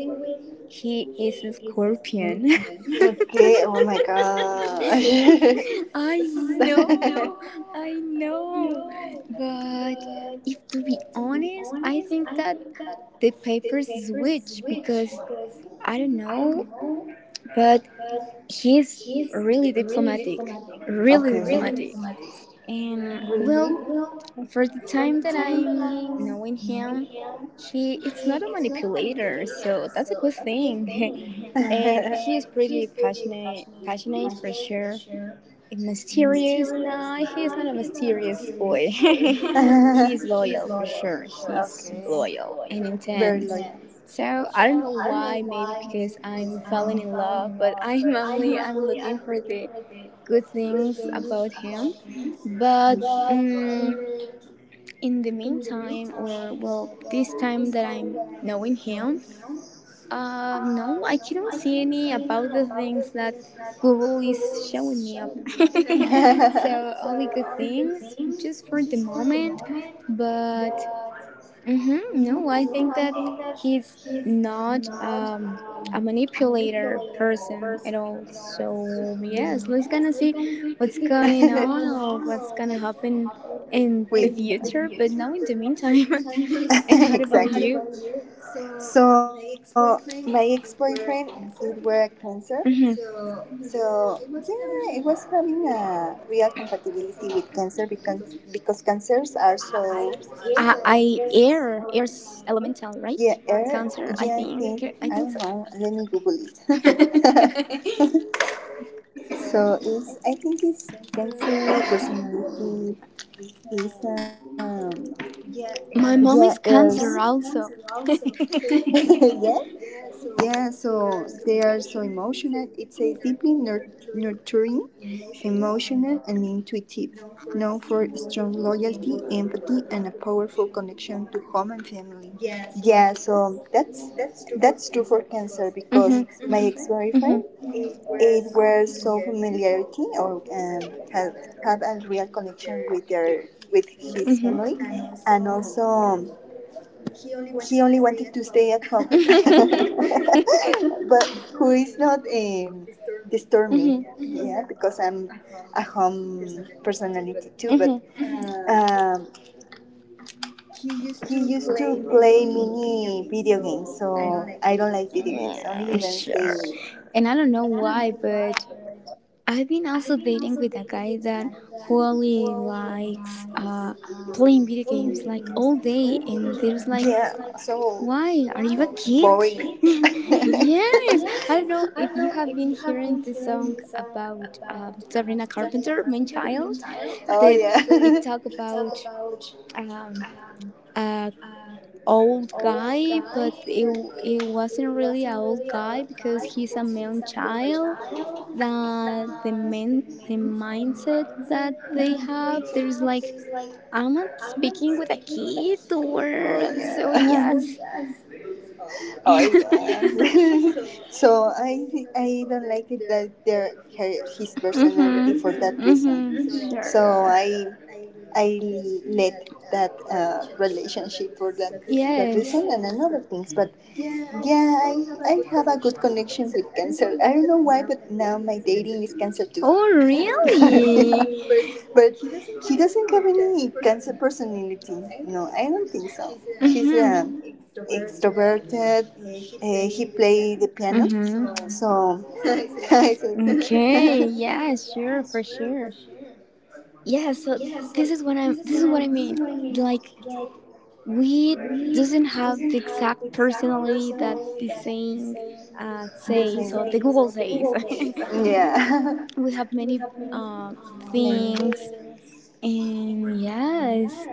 Speaker 2: he is a scorpion.
Speaker 1: Okay, oh my gosh.
Speaker 2: I know, I know. But if to be honest, I think that the papers is witch because I don't know, but he's really diplomatic,
Speaker 1: Okay.
Speaker 2: really diplomatic. And well, for the time that I'm knowing him, he it's not a manipulator, so that's a good thing. And
Speaker 1: And
Speaker 2: he is pretty passionate, passionate for sure. A mysterious? No, he's not a mysterious boy. He's loyal for sure. He's
Speaker 1: okay.
Speaker 2: loyal and
Speaker 1: Very
Speaker 2: intense. So I don't know why. Maybe because I'm falling in love, but I'm only I'm looking for the good things about him. But um, in the meantime, or well, this time that I'm knowing him, no, I cannot see any about the things that Google is showing me up. So only good things just for
Speaker 1: it's
Speaker 2: the moment. But mhm, no, I think that he's not a manipulator person at all. So yes, let's gonna see what's going on
Speaker 1: because,
Speaker 2: or what's gonna happen in the
Speaker 1: wait.
Speaker 2: future. But now in the meantime. And what about
Speaker 1: Exactly.
Speaker 2: you?
Speaker 1: So my ex-boyfriend, it were cancer.
Speaker 2: Mhm.
Speaker 1: So yeah, it was having a real compatibility with cancer, because cancers
Speaker 2: I,
Speaker 1: are
Speaker 2: I,
Speaker 1: so
Speaker 2: air's elemental, right?
Speaker 1: yeah,
Speaker 2: Cancer, I think.
Speaker 1: yeah, I
Speaker 2: I think
Speaker 1: think,
Speaker 2: so.
Speaker 1: I don't know. Let me Google it. So it's I think it's cancer personality is,
Speaker 2: My
Speaker 1: yeah,
Speaker 2: mom is
Speaker 1: is
Speaker 2: cancer also.
Speaker 1: yeah, yeah, so they are so emotional. It says deeply nurturing, emotional and intuitive, known for strong loyalty, empathy, and a powerful connection to home and family. Yeah, so that's true for cancer
Speaker 2: Mm-hmm.
Speaker 1: because my ex
Speaker 2: Mm-hmm.
Speaker 1: boyfriend it was so familiarity or have a real connection with their with his family, and also he only wanted to stay at home, but who is not disturb me? Yeah,
Speaker 2: Mm-hmm.
Speaker 1: because I'm a home personality too. But
Speaker 2: Mm-hmm.
Speaker 1: um, he used to play mini video games, so I don't like video games. Only
Speaker 2: Yeah,
Speaker 1: even stay.
Speaker 2: sure. And I don't know why, but I've been also dating with a guy that who only likes playing video games like all day, and there's like,
Speaker 1: Yeah, like, so
Speaker 2: why are you a kid?
Speaker 1: boring.
Speaker 2: Yes, I don't know if you have been hearing the song about Sabrina Carpenter, Main Child,
Speaker 1: Oh
Speaker 2: that it
Speaker 1: yeah.
Speaker 2: talk about um, uh, old guy, but it wasn't really an old guy because he's a man child. That the mindset that they have, there's like I'm not speaking with a kid
Speaker 1: Oh
Speaker 2: or so yes.
Speaker 1: yeah.
Speaker 2: So
Speaker 1: Oh
Speaker 2: I, I
Speaker 1: yeah. So I don't like it that their her, his personality
Speaker 2: Mhm.
Speaker 1: for that
Speaker 2: Mhm.
Speaker 1: reason.
Speaker 2: Sure.
Speaker 1: So
Speaker 2: I.
Speaker 1: I I let that relationship for that
Speaker 2: Yes.
Speaker 1: reason and another things. But yeah, I have a good connection with cancer. I don't know why, but now my dating is cancer too.
Speaker 2: Oh, really?
Speaker 1: Yeah. But he doesn't have any cancer personality. No, I don't think so. He's
Speaker 2: Mm-hmm.
Speaker 1: extroverted. He play the piano.
Speaker 2: Mm-hmm.
Speaker 1: So hmm, I said
Speaker 2: Okay. Yeah. Sure. For sure. Yeah. So this is what I'm. This is what I mean. Like we doesn't have the exact personality that the saying
Speaker 1: the
Speaker 2: says or the Google
Speaker 1: same
Speaker 2: says.
Speaker 1: thing. Yeah.
Speaker 2: We have many uh, things. And yes,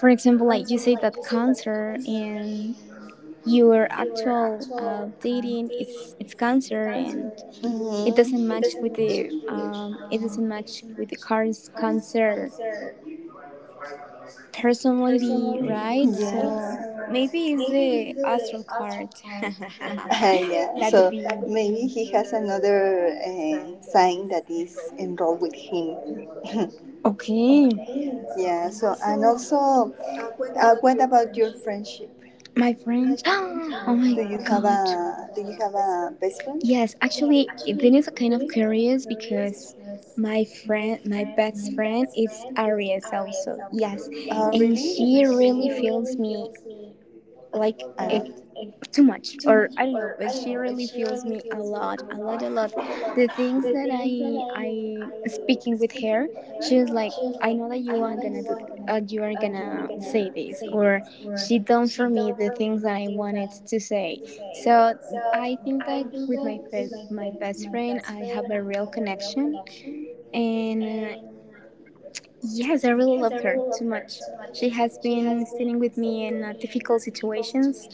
Speaker 2: for example, like you say that cancer and your actual
Speaker 1: Many.
Speaker 2: dating it's cancer and it doesn't
Speaker 1: Mm-hmm.
Speaker 2: match with the it doesn't match with the car's cancer personality, right? So
Speaker 1: Yeah.
Speaker 2: maybe it's the astral card.
Speaker 1: Yeah,
Speaker 2: That could
Speaker 1: so
Speaker 2: be.
Speaker 1: maybe he has another sign that is enrolled with him.
Speaker 2: Okay.
Speaker 1: Yeah, so and also, what about your friendship?
Speaker 2: My friends, oh my god.
Speaker 1: Do you have a best friend?
Speaker 2: Yes, actually, this is kind of curious because my friend, my best friend, is Aries also. Yes,
Speaker 1: Oh,
Speaker 2: and
Speaker 1: really?
Speaker 2: she really feels me like
Speaker 1: I
Speaker 2: a
Speaker 1: love it.
Speaker 2: too much or I don't know, but she really fuels me a lot, a lot, a lot. The things that I speaking with her, she was like, I know that you aren't gonna do you are gonna say this, or she done for me the things that I wanted to say. So I think that with my my best friend I have a real connection, and yes, I really love her too much. She has been standing with me in difficult situations,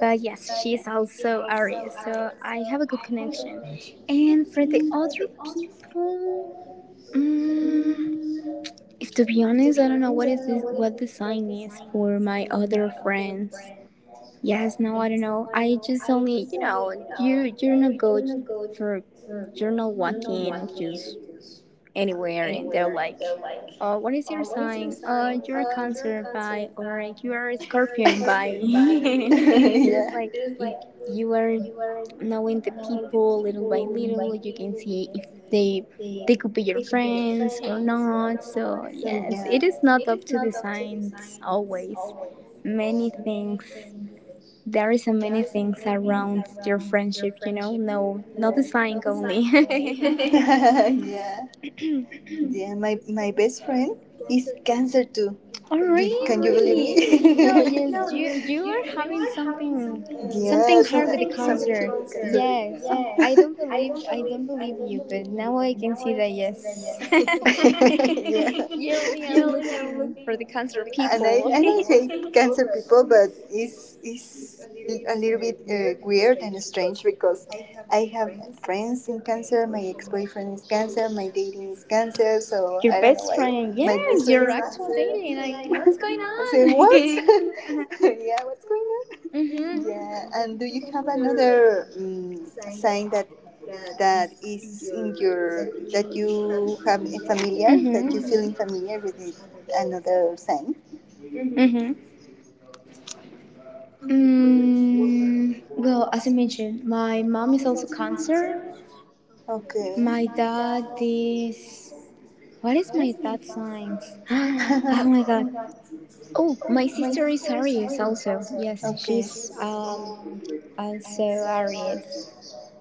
Speaker 2: but yes, she is also Aries, so I have a good connection. And for the other people, mm, if to be honest, I don't know what is this, what the sign is for my other friends. Yes, no, I don't know. I just only, you know, you're not good for, you're not walking, just anywhere, and they're like, oh, what is your sign? You're a Cancer by, or you're a Scorpion by. It is like,
Speaker 1: Yeah.
Speaker 2: if you are knowing the people little by little, you can see if they they could be your friends or not. So yes, it is not up to the signs always. Many things, there is so many things around your friendship, you know. No, not the sign only.
Speaker 1: Yeah. My best friend is cancer too.
Speaker 2: Oh
Speaker 1: Believe
Speaker 2: really? No, yes, you
Speaker 1: me?
Speaker 2: you are having something something
Speaker 1: Yeah.
Speaker 2: hard with the
Speaker 1: So,
Speaker 2: cancer. Yes.
Speaker 1: cancer.
Speaker 2: I don't believe I don't believe you, but now I can see that yes.
Speaker 1: yeah.
Speaker 2: You only are
Speaker 1: You are
Speaker 2: looking for
Speaker 1: looking
Speaker 2: the cancer
Speaker 1: for the cancer.
Speaker 2: people.
Speaker 1: And I hate cancer people, but it's a little bit weird and strange because
Speaker 2: I have
Speaker 1: I have
Speaker 2: friends cancer,
Speaker 1: friends
Speaker 2: cancer, cancer.
Speaker 1: in
Speaker 2: my
Speaker 1: cancer.
Speaker 2: my
Speaker 1: My ex
Speaker 2: ex-boyfriend
Speaker 1: boyfriend is
Speaker 2: is
Speaker 1: cancer.
Speaker 2: dating
Speaker 1: My
Speaker 2: is
Speaker 1: dating is
Speaker 2: cancer, so
Speaker 1: cancer.
Speaker 2: your I
Speaker 1: So
Speaker 2: best
Speaker 1: I don't know
Speaker 2: friend.
Speaker 1: why
Speaker 2: Yes,
Speaker 1: my
Speaker 2: your
Speaker 1: best friend
Speaker 2: actual
Speaker 1: is
Speaker 2: dating.
Speaker 1: cancer.
Speaker 2: Like what's going on?
Speaker 1: I say
Speaker 2: Yeah,
Speaker 1: what?
Speaker 2: what's going
Speaker 1: Yeah, what's going
Speaker 2: on?
Speaker 1: on?
Speaker 2: Mhm.
Speaker 1: Yeah. And do you have another sign that
Speaker 2: In.
Speaker 1: that is in your that you have a familiar
Speaker 2: Mhm.
Speaker 1: that you feeling familiar with it,
Speaker 2: Thing.
Speaker 1: another sign.
Speaker 2: Mhm. Well, as I mentioned, my mom is also cancer.
Speaker 1: Okay.
Speaker 2: My dad is. What is my dad's signs? Oh my god. Oh, my sister is Aries also. Yes,
Speaker 1: okay.
Speaker 2: she's also Aries.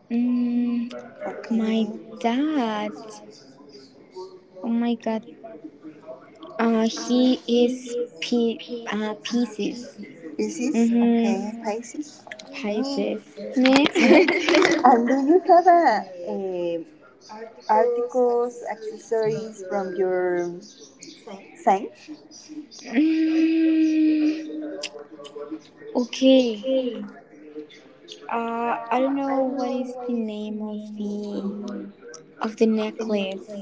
Speaker 2: Mm, my
Speaker 1: Okay.
Speaker 2: dad. Oh my god. He is Pisces.
Speaker 1: Pisces.
Speaker 2: Mm-hmm.
Speaker 1: Okay. Pisces. Okay.
Speaker 2: Pisces. Ne?
Speaker 1: And do you have a articles, accessories from your sign?
Speaker 2: Mm, okay. I don't know what is the name of the necklace.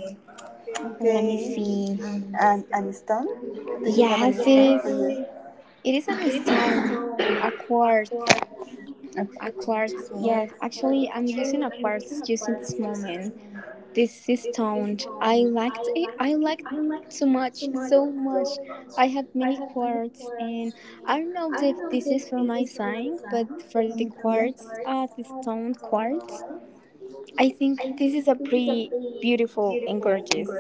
Speaker 2: Let me
Speaker 1: Okay.
Speaker 2: see.
Speaker 1: And an stone? Do you have
Speaker 2: Yes, it is. It is on a stone, a quartz, a
Speaker 1: aquatics?
Speaker 2: quartz. Yes, actually, I'm using a quartz just in this moment. This is sound. I liked it. I liked so much, so much. I have many quarts, and I don't know if this is for my sign, but for the quartz, the stone quartz, I think that this is a pretty beautiful and gorgeous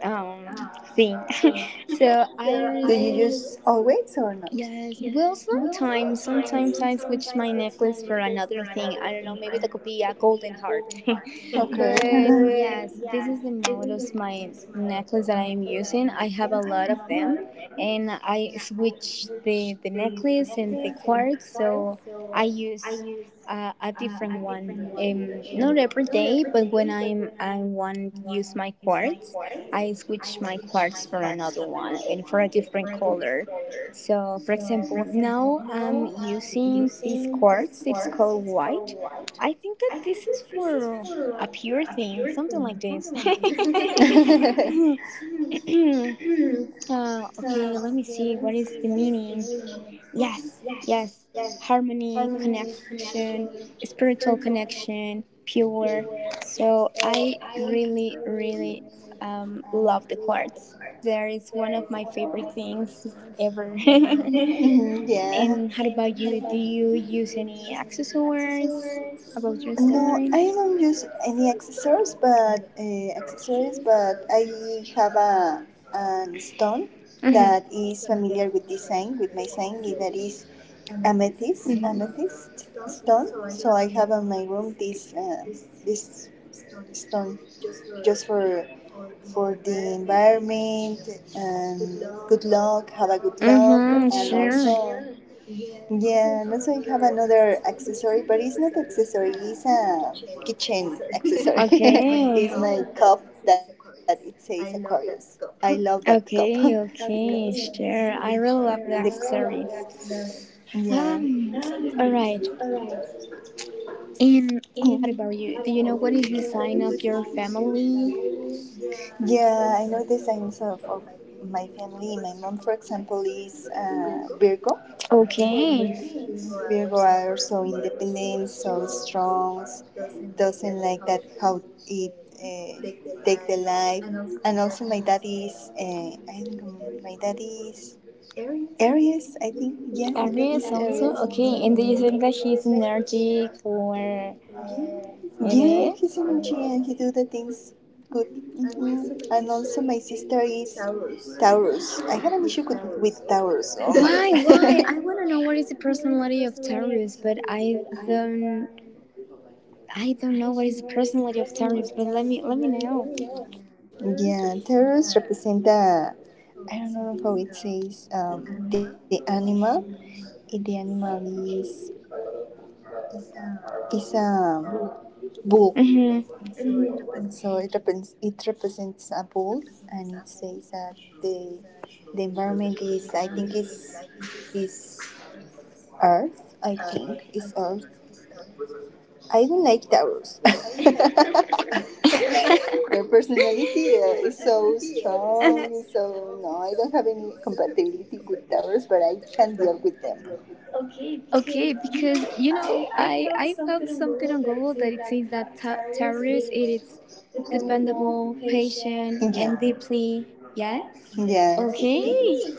Speaker 2: um, thing. So I really.
Speaker 1: Always or not?
Speaker 2: Yes. Well, sometimes, sometimes I switch my necklace for another thing. I don't know. Maybe that could be a golden heart. But yes, this is the model of my necklace that I am using. I have a lot of them, and I switch the necklace and the quartz. So I use a different one. Not every day, but when I want to use my quartz, I switch my quartz for another one and for a different color. So, for example, now I'm using this quartz. It's called white. I think that this is for a pure thing, something like this. Okay, let me see. What is the meaning? Yes, yes. Harmony, connection, spiritual connection, pure. So I really, really love the quartz. There is one of my favorite things ever.
Speaker 1: Yeah.
Speaker 2: And how about you? Do you use any accessories?
Speaker 1: I don't use any accessories, but I have a an stone is familiar with design, with my sign. That is amethyst stone. So I have in my room this stone just for the environment and good luck, have a good luck,
Speaker 2: Mm-hmm.
Speaker 1: mm-hmm. And
Speaker 2: Sure.
Speaker 1: also yeah, and also I have another accessory, but it's not
Speaker 2: An.
Speaker 1: accessory, it's a
Speaker 2: It's
Speaker 1: kitchen accessory.
Speaker 2: okay.
Speaker 1: It's
Speaker 2: My.
Speaker 1: my cup that it says Aquarius. I love that cup
Speaker 2: Okay,
Speaker 1: because
Speaker 2: okay, sure. I really love
Speaker 1: The-
Speaker 2: the
Speaker 1: I
Speaker 2: accessories.
Speaker 1: yeah.
Speaker 2: Um, all right. And
Speaker 1: Yeah,
Speaker 2: how about you? Do you know what is the sign of your family?
Speaker 1: I know the signs of my family. My mom, for example, is Virgo.
Speaker 2: Okay.
Speaker 1: Virgo are so independent, so strong, doesn't like that how it uh, take the life. And also, my dad is I don't remember. My dad is Aries, I think.
Speaker 2: It.
Speaker 1: Yeah, my dad is
Speaker 2: Aries also.
Speaker 1: Aries.
Speaker 2: Okay. And do you think
Speaker 1: Mhm.
Speaker 2: that he's energetic or yeah, it
Speaker 1: Yeah, he's an
Speaker 2: is?
Speaker 1: energy and he
Speaker 2: He.
Speaker 1: do the things good. Hmm, and also my sister is Taurus. I have an issue with Taurus. Oh my
Speaker 2: Why?
Speaker 1: god.
Speaker 2: Why? I
Speaker 1: Why?
Speaker 2: want to know
Speaker 1: I
Speaker 2: what is the personality of Taurus, but I don't. I don't know what is the personality of Taurus. But let me know.
Speaker 1: yeah, Taurus represent the I don't know how it says the animal. The animal is a bull.
Speaker 2: Hmm.
Speaker 1: So it represents a bull, and it says that the the environment is I think is Earth. I think is Earth. I don't like towers. Their
Speaker 2: Your.
Speaker 1: personality is
Speaker 2: Uh-huh.
Speaker 1: so strong. So no, I don't have any compatibility with towers, but I can deal with them.
Speaker 2: Okay, because you know, I found something on Google that it says that terrorists it is dependable, patient,
Speaker 1: Yeah.
Speaker 2: and deeply yes. Okay,
Speaker 1: Yes.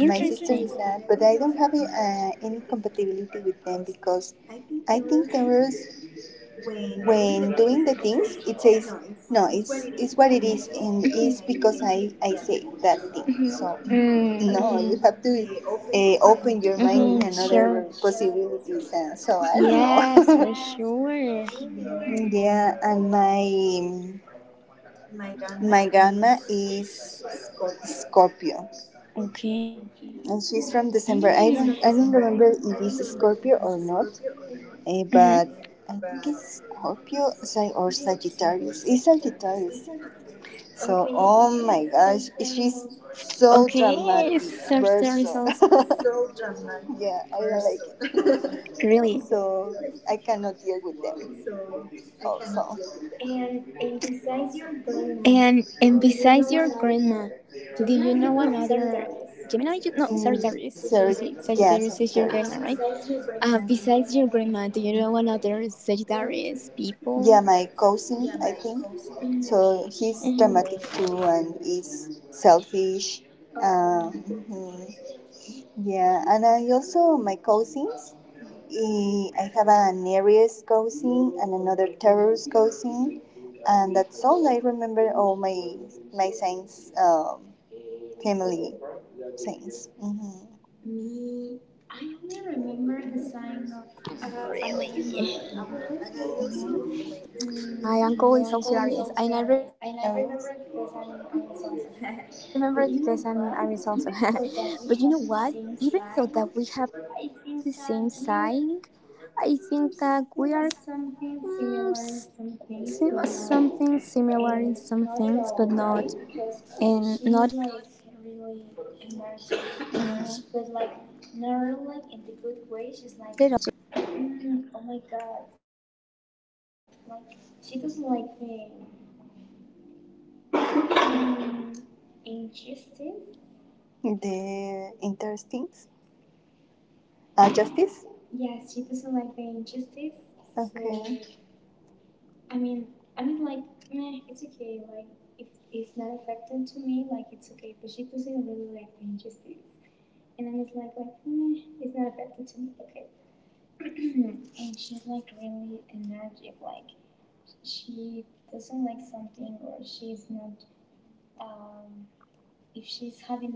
Speaker 1: My sister is
Speaker 2: interesting.
Speaker 1: that, but I don't have any compatibility with them because I think there was when doing the things it says no, it's what it is, and it's because I say that thing. So no, you
Speaker 2: Mm,
Speaker 1: have to open your mind
Speaker 2: mhm,
Speaker 1: in another possibilities. So I don't
Speaker 2: yes, for
Speaker 1: know.
Speaker 2: sure.
Speaker 1: Mm, yeah, and my grandma is Scorpio,
Speaker 2: Okay.
Speaker 1: and she's from
Speaker 2: Okay.
Speaker 1: December. I don't remember if it's Scorpio or not,
Speaker 2: Mm-hmm.
Speaker 1: but I think it's Scorpio Sag- or Sagittarius. It's Sagittarius. So
Speaker 2: Okay,
Speaker 1: oh my
Speaker 2: so
Speaker 1: gosh,
Speaker 2: there is also
Speaker 1: she's so dramatic person.
Speaker 2: really.
Speaker 1: Yeah, I don't like it. So I cannot deal with them. Also,
Speaker 2: And besides your grandma, do you know another Gemini? You, no, Sagittarius. You say
Speaker 1: mm,
Speaker 2: Sagittarius is
Speaker 1: sorry.
Speaker 2: your grandma, right?
Speaker 1: Yeah, Sagittarius.
Speaker 2: Besides your grandma, do you know another Sagittarius people?
Speaker 1: Yeah, my cousin, I think.
Speaker 2: Mhm.
Speaker 1: So he's dramatic too and is selfish.
Speaker 2: Oh,
Speaker 1: Mhm.
Speaker 2: really?
Speaker 1: Yeah, and I also, my cousins,
Speaker 2: Mhm.
Speaker 1: I have an Aries cousin and another Taurus cousin, and that's all I remember all my signs. Family things. Mm-hmm.
Speaker 2: Me, I only remember the sign of another my uncles.
Speaker 1: Mm-hmm.
Speaker 2: My uncle is also Aries, and I remember it because I'm
Speaker 1: Aries.
Speaker 2: Aries also. But you know what? Even though that we have the same sign, I think that we are something similar in some things, but not and not at all right because she's like really energetic or but like not really like in the good way, she's like mm, oh my god, like she doesn't like the mm, injustice.
Speaker 1: The interesting
Speaker 2: Yes, she
Speaker 1: justice.
Speaker 2: doesn't like the injustice. So I mean, like it's okay, like if it's not affecting to me, like it's okay, but she doesn't really like the injustice, and I'm just like, nah, it's not affected to me, okay. And she's like really energetic, like she doesn't like something, or she's not um if she's having a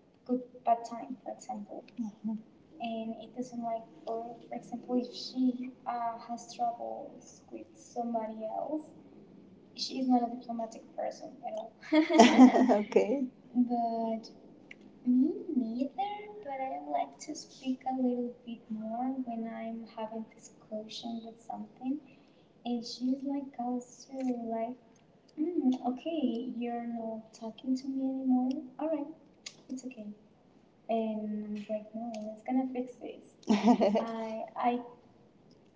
Speaker 2: good bad time, for
Speaker 1: So
Speaker 2: example,
Speaker 1: mm-hmm.
Speaker 2: and it doesn't like, or for example, if she has troubles with somebody else, she's not a diplomatic person at
Speaker 1: all.
Speaker 2: all.
Speaker 1: Okay.
Speaker 2: But me neither, but I like to speak a little bit more when I'm having discussion with something. And she's like also like, mm, okay, you're not talking to me anymore. All right, it's okay. And I was like, no, let's gonna fix this. I, I,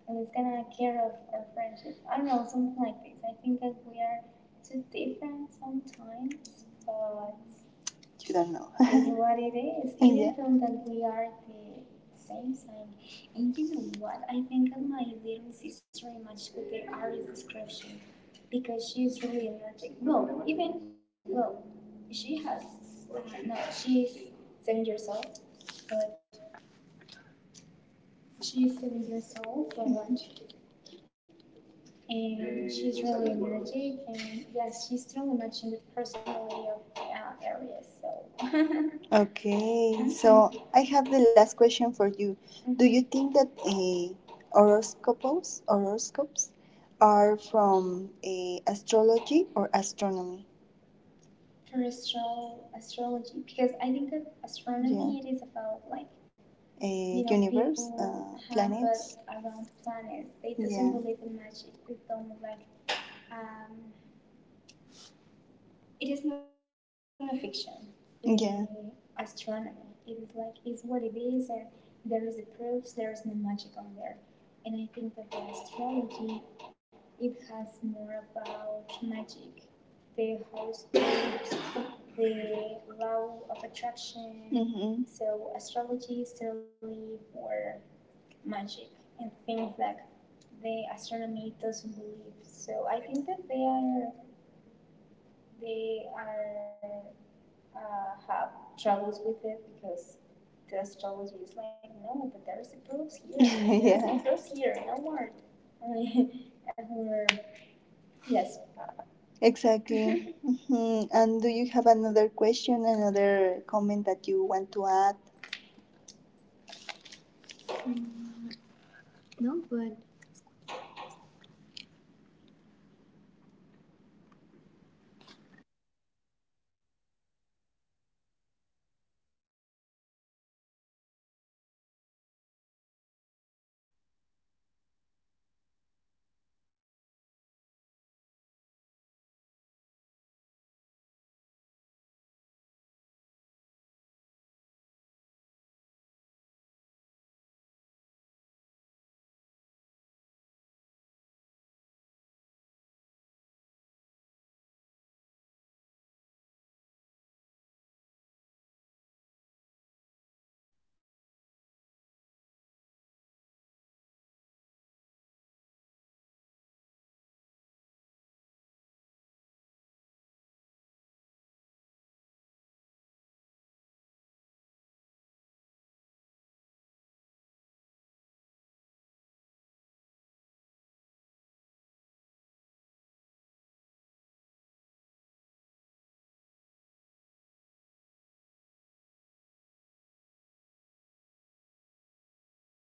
Speaker 2: let's gonna care of our friendships. I don't know, something like this. I think that we are too different sometimes, but
Speaker 1: You don't know.
Speaker 2: is what it is. Even though that we are the same sign. And you know what? I think that my little sister matched with the Aries description because she is really energetic. Well, even well, she has no, she's 7 years old, but she's 7 years old, but and she's really energetic, and yes, she's totally matching with the personality of aries, so. Okay. Mhm.
Speaker 1: Okay, I have the last question for you.
Speaker 2: Mm-hmm. Mhm.
Speaker 1: You think that horoscopes are from astrology or astronomy?
Speaker 2: For astrology, because I think that astronomy it is about like, you know,
Speaker 1: Uh,
Speaker 2: people but around planets, they doesn't believe in magic, they don't like um it is not a fiction. The astronomy, it is like is what it is, and there is the proofs. There is no magic on there, and I think that the astrology, it has more about magic, the horoscopes, the law of attraction. So
Speaker 1: Mm-hmm.
Speaker 2: astrology is really for magic and things that the astronomy doesn't believe. So I think that they are have troubles with it because the astrology is like, no, but there's the proofs here. There's the proofs here. No more. I mean, uh, yes.
Speaker 1: Exactly. hmm. And do you have another question, another comment that you want to add?
Speaker 2: Mm, no, but dijo apenas.
Speaker 1: Do you
Speaker 2: Dijo
Speaker 1: want
Speaker 2: apenas.
Speaker 1: to?
Speaker 2: Y yo no te escucho. A déjame acá. Pues yo digo que ya des el cierre porque